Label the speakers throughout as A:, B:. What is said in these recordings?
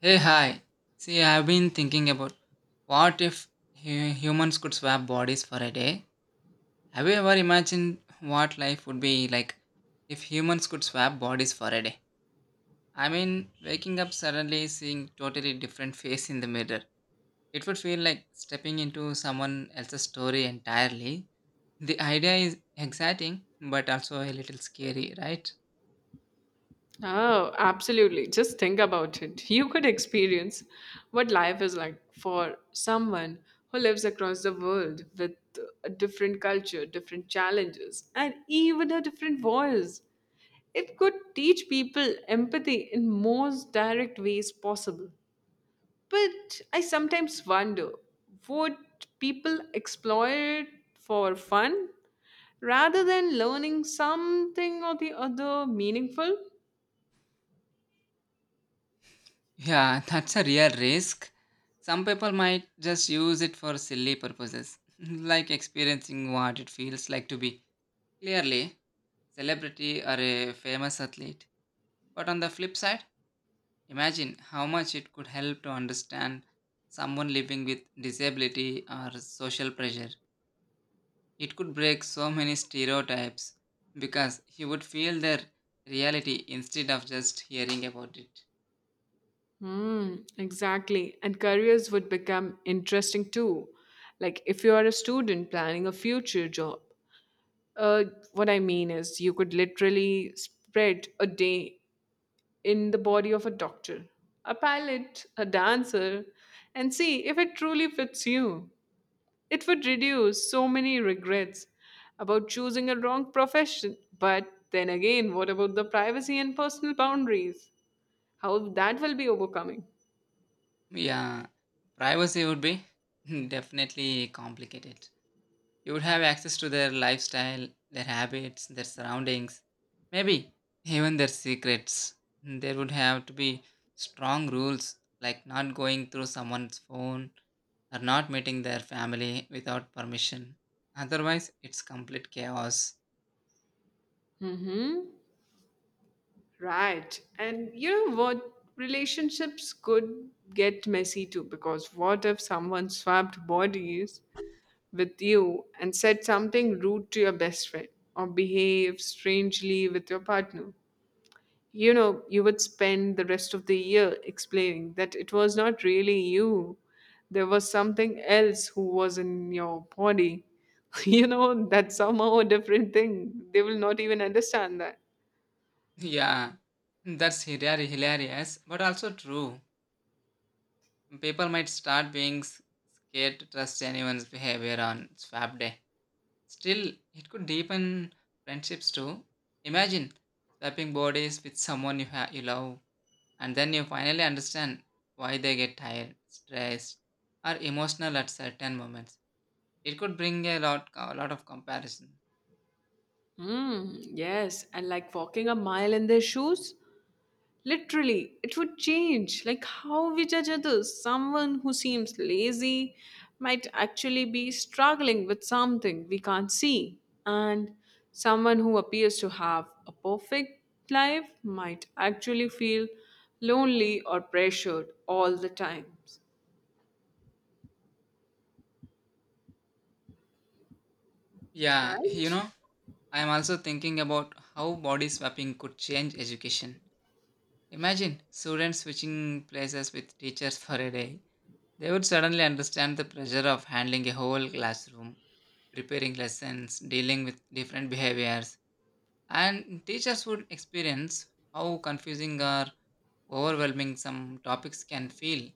A: Hey, hi. See, I've been thinking about what if humans could swap bodies for a day? Have you ever imagined what life would be like if humans could swap bodies for a day? I mean, waking up suddenly seeing totally different face in the mirror. It would feel like stepping into someone else's story entirely. The idea is exciting, but also a little scary, right?
B: Oh, absolutely. Just think about it. You could experience what life is like for someone who lives across the world with a different culture, different challenges, and even a different voice. It could teach people empathy in most direct ways possible. But I sometimes wonder, would people explore it for fun rather than learning something or the other meaningful?
A: Yeah, that's a real risk. Some people might just use it for silly purposes, like experiencing what it feels like to be clearly celebrity or a famous athlete. But on the flip side, imagine how much it could help to understand someone living with disability or social pressure. It could break so many stereotypes because he would feel their reality instead of just hearing about it.
B: Hmm, exactly. And careers would become interesting too. Like if you are a student planning a future job, uh, what I mean is you could literally spread a day in the body of a doctor, a pilot, a dancer, and see if it truly fits you. It would reduce so many regrets about choosing a wrong profession. But then again, what about the privacy and personal boundaries? How that will be overcoming?
A: Yeah, privacy would be definitely complicated. You would have access to their lifestyle, their habits, their surroundings, maybe even their secrets. There would have to be strong rules like not going through someone's phone or not meeting their family without permission. Otherwise, it's complete chaos.
B: Mm-hmm. Right. And you know what? Relationships could get messy too because what if someone swapped bodies with you and said something rude to your best friend or behaved strangely with your partner? You know, you would spend the rest of the year explaining that it was not really you, there was something else who was in your body. You know, that's somehow a different thing. They will not even understand that.
A: Yeah, that's hilarious, but also true. People might start being scared to trust anyone's behavior on swap day. Still, it could deepen friendships too. Imagine swapping bodies with someone you, you love, and then you finally understand why they get tired, stressed, or emotional at certain moments. It could bring a lot of comparison.
B: Mm, yes, and like walking a mile in their shoes, literally, it would change like how we judge others. Someone who seems lazy might actually be struggling with something we can't see, and someone who appears to have a perfect life might actually feel lonely or pressured all the time,
A: Yeah, you
B: right?
A: know, I am also thinking about how body swapping could change education. Imagine students switching places with teachers for a day. They would suddenly understand the pressure of handling a whole classroom, preparing lessons, dealing with different behaviors, and teachers would experience how confusing or overwhelming some topics can feel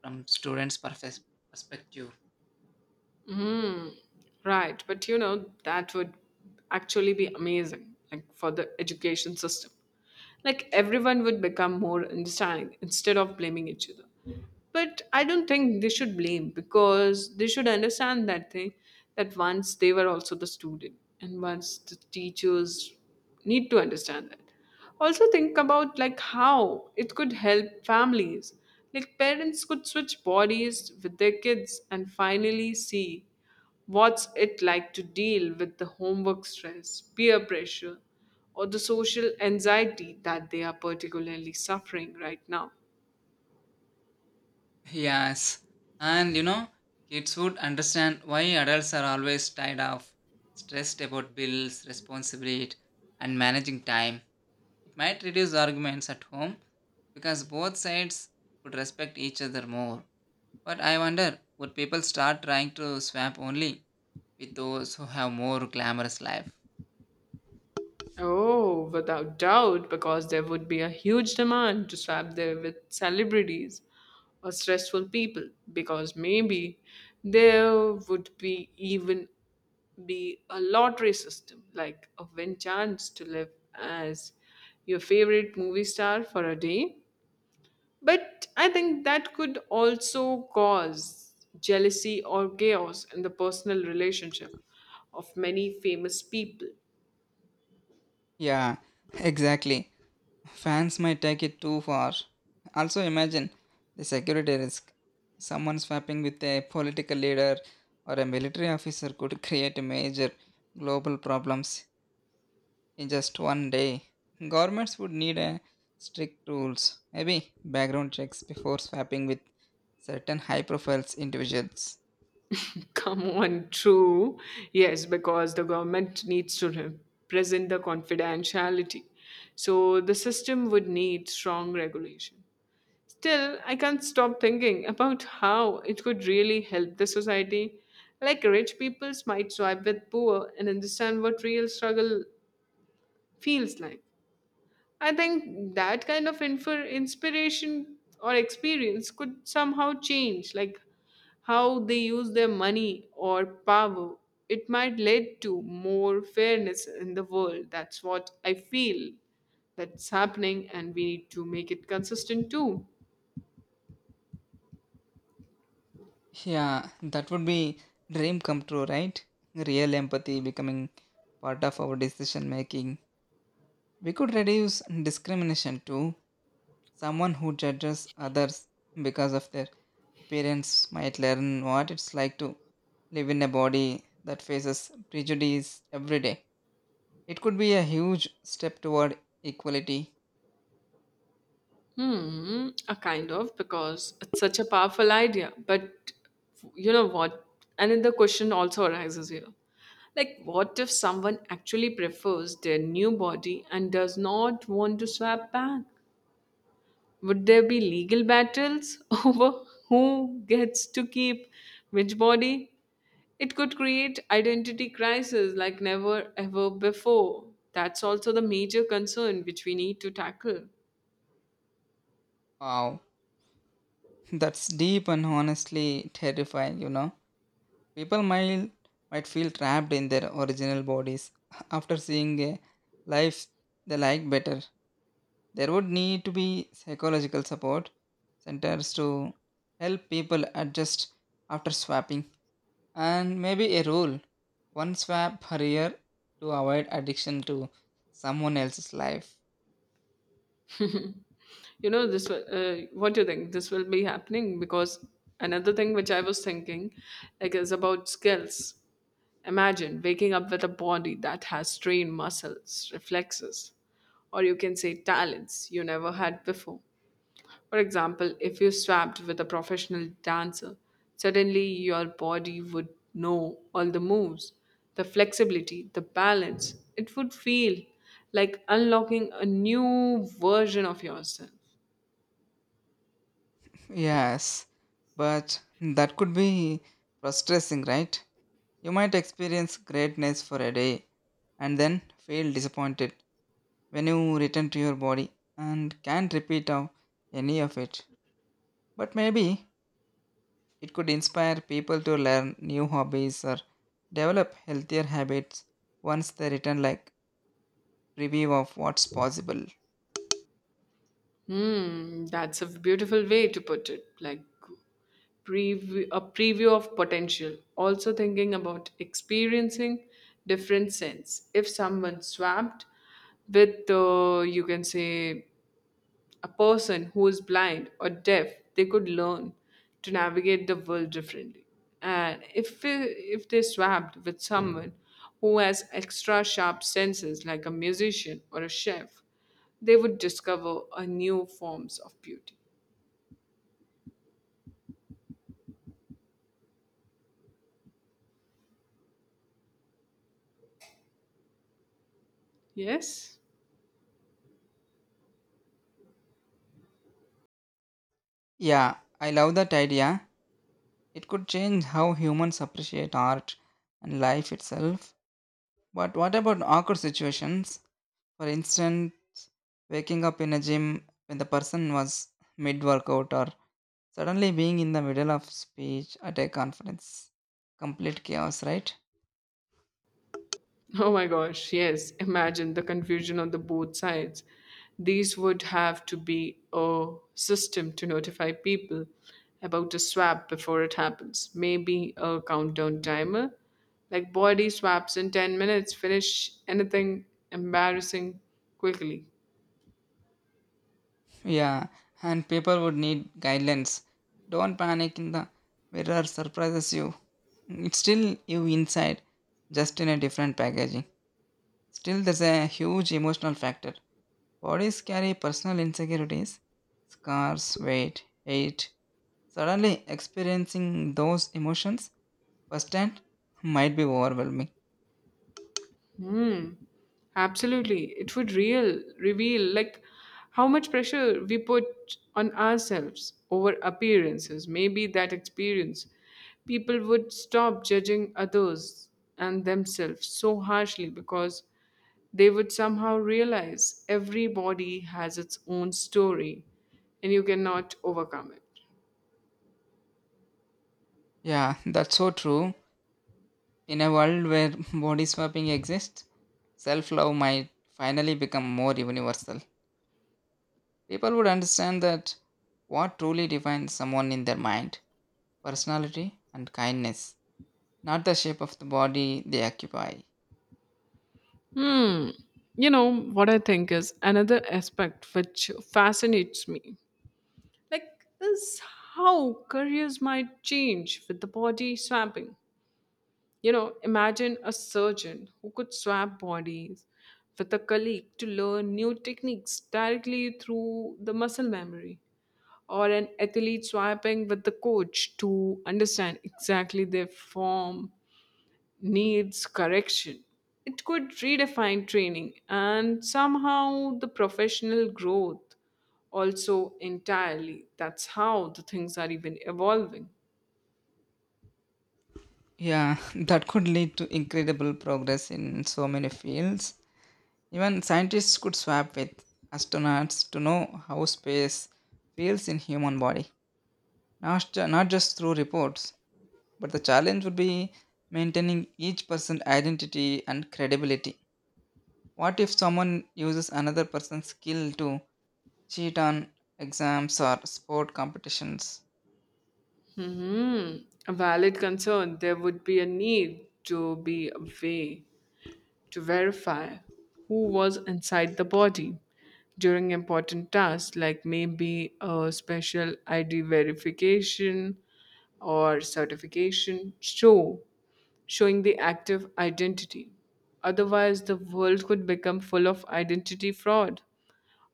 A: from students' perspective.
B: Mm, right. But you know, that would actually be amazing, like for the education system. Like everyone would become more understanding instead of blaming each other. But I don't think they should blame because they should understand that they that once they were also the student and once the teachers need to understand that. Also, think about like how it could help families. Like parents could switch bodies with their kids and finally see what's it like to deal with the homework stress, peer pressure, or the social anxiety that they are particularly suffering right now.
A: Yes, and you know, kids would understand why adults are always tired of, stressed about bills, responsibility, and managing time. It might reduce arguments at home because both sides would respect each other more. But I wonder, would people start trying to swap only with those who have more glamorous life?
B: Oh, without doubt, because there would be a huge demand to swap there with celebrities or stressful people, because maybe there would be even be a lottery system, like a win chance to live as your favorite movie star for a day. But I think that could also cause jealousy or chaos in the personal relationship of many famous people.
A: Yeah, exactly. Fans might take it too far. Also, imagine the security risk. Someone swapping with a political leader or a military officer could create major global problems in just one day. Governments would need a strict rules, maybe background checks before swapping with certain high profiles individuals.
B: Come on, true. Yes, because the government needs to represent the confidentiality. So the system would need strong regulation. Still, I can't stop thinking about how it could really help the society. Like rich peoples might swipe with poor and understand what real struggle feels like. I think that kind of inspiration or experience could somehow change, like how they use their money or power. It might lead to more fairness in the world. That's what I feel that's happening, and we need to make it consistent too.
A: Yeah, that would be dream come true, right? Real empathy becoming part of our decision making. We could reduce discrimination too. Someone who judges others because of their appearance might learn what it's like to live in a body that faces prejudice every day. It could be a huge step toward equality.
B: Hmm, a kind of because it's such a powerful idea. But you know what? Another question also arises here. Like, what if someone actually prefers their new body and does not want to swap back? Would there be legal battles over who gets to keep which body? It could create identity crisis like never ever before. That's also the major concern which we need to tackle.
A: Wow, that's deep and honestly terrifying, you know. People might feel trapped in their original bodies after seeing a life they like better. There would need to be psychological support centers to help people adjust after swapping and maybe a rule one swap per year to avoid addiction to someone else's life.
B: What do you think this will be happening? Because another thing which I was thinking like is about skills. Imagine waking up with a body that has trained muscles, reflexes, or you can say talents you never had before. For example, if you swapped with a professional dancer, suddenly your body would know all the moves, the flexibility, the balance. It would feel like unlocking a new version of yourself.
A: Yes, but that could be frustrating, right? You might experience greatness for a day and then feel disappointed when you return to your body and can't repeat of any of it. But maybe it could inspire people to learn new hobbies or develop healthier habits once they return, like preview of what's possible.
B: Hmm, that's a beautiful way to put it. Like preview, a preview of potential. Also thinking about experiencing different sense. If someone swamped with, you can say, a person who is blind or deaf, they could learn to navigate the world differently, and if they swapped with someone who has extra sharp senses like a musician or a chef, they would discover a new forms of beauty, yes.
A: Yeah, I love that idea. It could change how humans appreciate art and life itself. But what about awkward situations? For instance, waking up in a gym when the person was mid workout or suddenly being in the middle of speech at a conference. Complete chaos, right?
B: Oh my gosh, yes. Imagine the confusion on the both sides. These would have to be a system to notify people about a swap before it happens. Maybe a countdown timer, like body swaps in 10 minutes, finish anything embarrassing quickly.
A: Yeah, and people would need guidelines. Don't panic in the mirror surprises you. It's still you inside, just in a different packaging. Still, there's a huge emotional factor. Bodies carry personal insecurities, scars, weight, hate. Suddenly experiencing those emotions firsthand might be overwhelming.
B: Hmm. Absolutely. It would real reveal like how much pressure we put on ourselves over appearances. Maybe that experience people would stop judging others and themselves so harshly because they would somehow realize everybody has its own story and you cannot overcome it.
A: Yeah, that's so true. In a world where body swapping exists, self love might finally become more universal. People would understand that what truly defines someone in their mind, personality, and kindness, not the shape of the body they occupy.
B: Hmm. You know, what I think is another aspect which fascinates me like is how careers might change with the body swapping. You know, imagine a surgeon who could swap bodies with a colleague to learn new techniques directly through the muscle memory, or an athlete swapping with the coach to understand exactly their form needs correction. It could redefine training and somehow the professional growth also entirely. That's how the things are even evolving.
A: Yeah, that could lead to incredible progress in so many fields. Even scientists could swap with astronauts to know how space feels in human body. Not just through reports, but the challenge would be maintaining each person's identity and credibility. What if someone uses another person's skill to cheat on exams or sport competitions?
B: Mhm. A valid concern, there would be a need to be a way to verify who was inside the body during important tasks, like maybe a special ID verification or certification show showing the active identity. Otherwise, the world could become full of identity fraud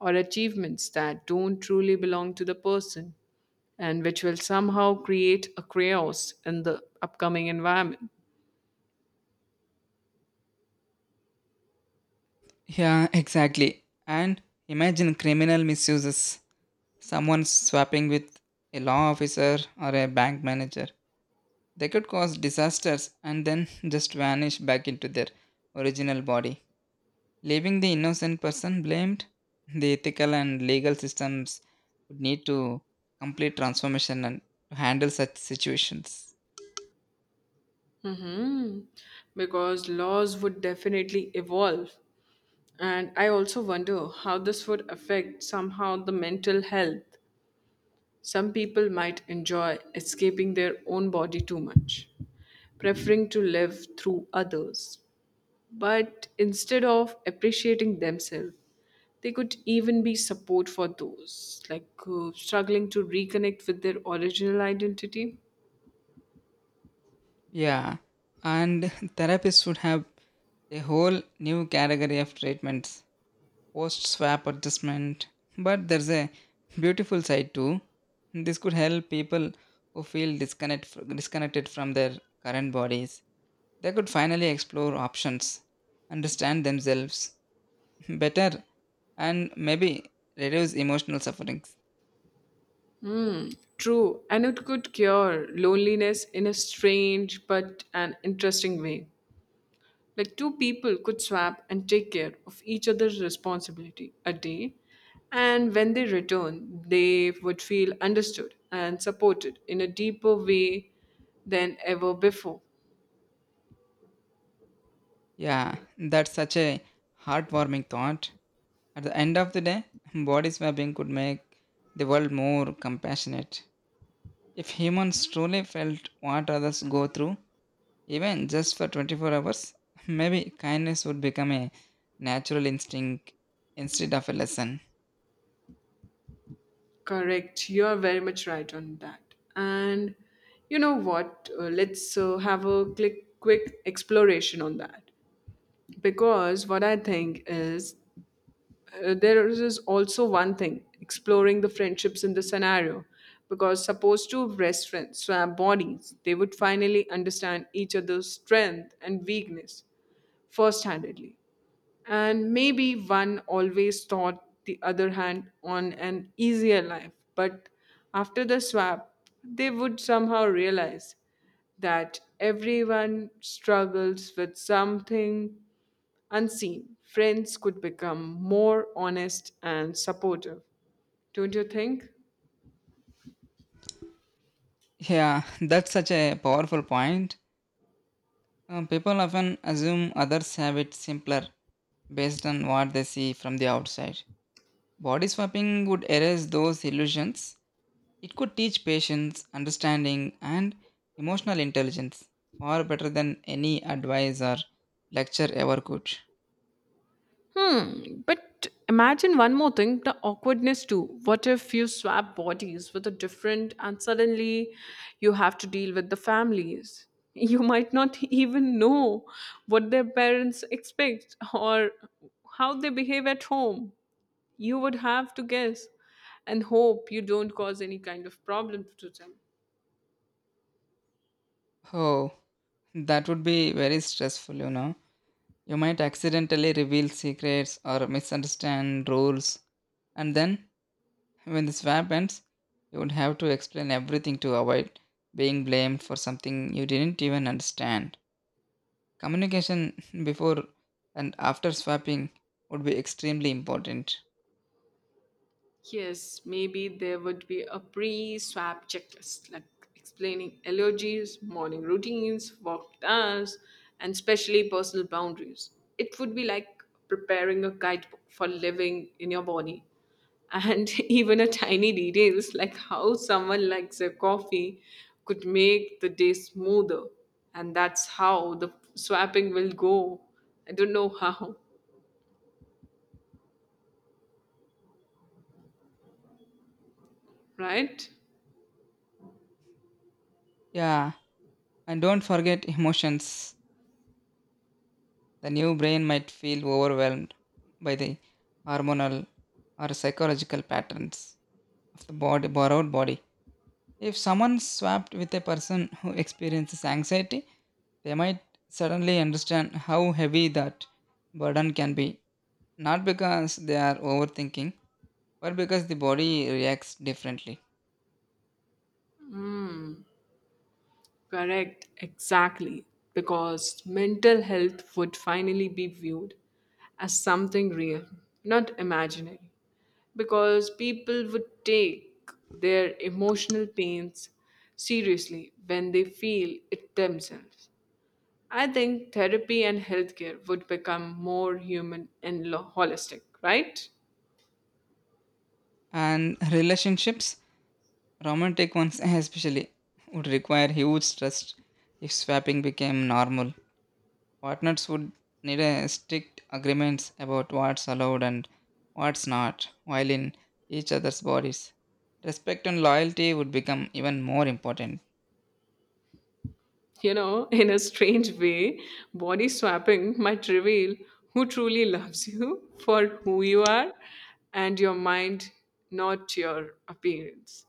B: or achievements that don't truly belong to the person and which will somehow create a chaos in the upcoming environment.
A: Yeah, exactly. And imagine criminal misuses someone swapping with a law officer or a bank manager. They could cause disasters and then just vanish back into their original body, leaving the innocent person blamed. The ethical and legal systems would need to complete transformation and to handle such situations.
B: Hmm. Because laws would definitely evolve. And I also wonder how this would affect somehow the mental health. Some people might enjoy escaping their own body too much, preferring to live through others, but instead of appreciating themselves they could even be support for those like struggling to reconnect with their original identity.
A: Yeah, and therapists would have a whole new category of treatments post swap adjustment. But there's a beautiful side too. This could help people who feel disconnected from their current bodies. They could finally explore options, understand themselves better, and maybe reduce emotional sufferings.
B: True, and it could cure loneliness in a strange but an interesting way. Like two people could swap and take care of each other's responsibility a day, and when they return they would feel understood and supported in a deeper way than ever before.
A: Yeah, that's such a heartwarming thought. At the end of the day, body swapping could make the world more compassionate. If humans truly felt what others go through, even just for 24 hours, maybe kindness would become a natural instinct instead of a lesson.
B: Correct. You are very much right on that. And you know what? Let's have a quick exploration on that. Because what I think is, there is also one thing exploring the friendships in the scenario. Because suppose two best friends swap bodies, they would finally understand each other's strength and weakness first handedly, and maybe one always thought the other hand on an easier life. But after the swap, they would somehow realize that everyone struggles with something unseen. Friends could become more honest and supportive. Don't you think?
A: Yeah, that's such a powerful point. People often assume others have it simpler based on what they see from the outside. Body swapping would erase those illusions. It could teach patience, understanding, and emotional intelligence far better than any advice or lecture ever could.
B: Hmm. But imagine one more thing, the awkwardness too. What if you swap bodies with a different and suddenly you have to deal with the families? You might not even know what their parents expect or how they behave at home. You would have to guess and hope you don't cause any kind of problem to them.
A: Oh, that would be very stressful, you know. You might accidentally reveal secrets or misunderstand rules, and then when the swap ends, you would have to explain everything to avoid being blamed for something you didn't even understand. Communication before and after swapping would be extremely important.
B: Yes, maybe there would be a pre swap checklist like explaining allergies, morning routines, work tasks, and especially personal boundaries. It would be like preparing a guidebook for living in your body. And even a tiny details like how someone likes their coffee could make the day smoother. And that's how the swapping will go. I don't know how, right?
A: Yeah, and don't forget emotions. The new brain might feel overwhelmed by the hormonal or psychological patterns of the body, borrowed body. If someone swapped with a person who experiences anxiety, they might suddenly understand how heavy that burden can be, not because they are overthinking, but because the body reacts differently.
B: Correct, exactly. Because mental health would finally be viewed as something real, not imaginary. Because people would take their emotional pains seriously when they feel it themselves. I think therapy and healthcare would become more human and holistic, right?
A: And relationships, romantic ones especially, would require huge trust if swapping became normal. Partners would need a strict agreements about what's allowed and what's not while in each other's bodies. Respect and loyalty would become even more important.
B: You know, in a strange way, body swapping might reveal who truly loves you for who you are and your mind, not your appearance.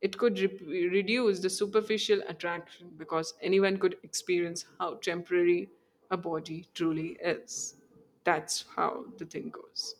B: It could reduce the superficial attraction because anyone could experience how temporary a body truly is. That's how the thing goes.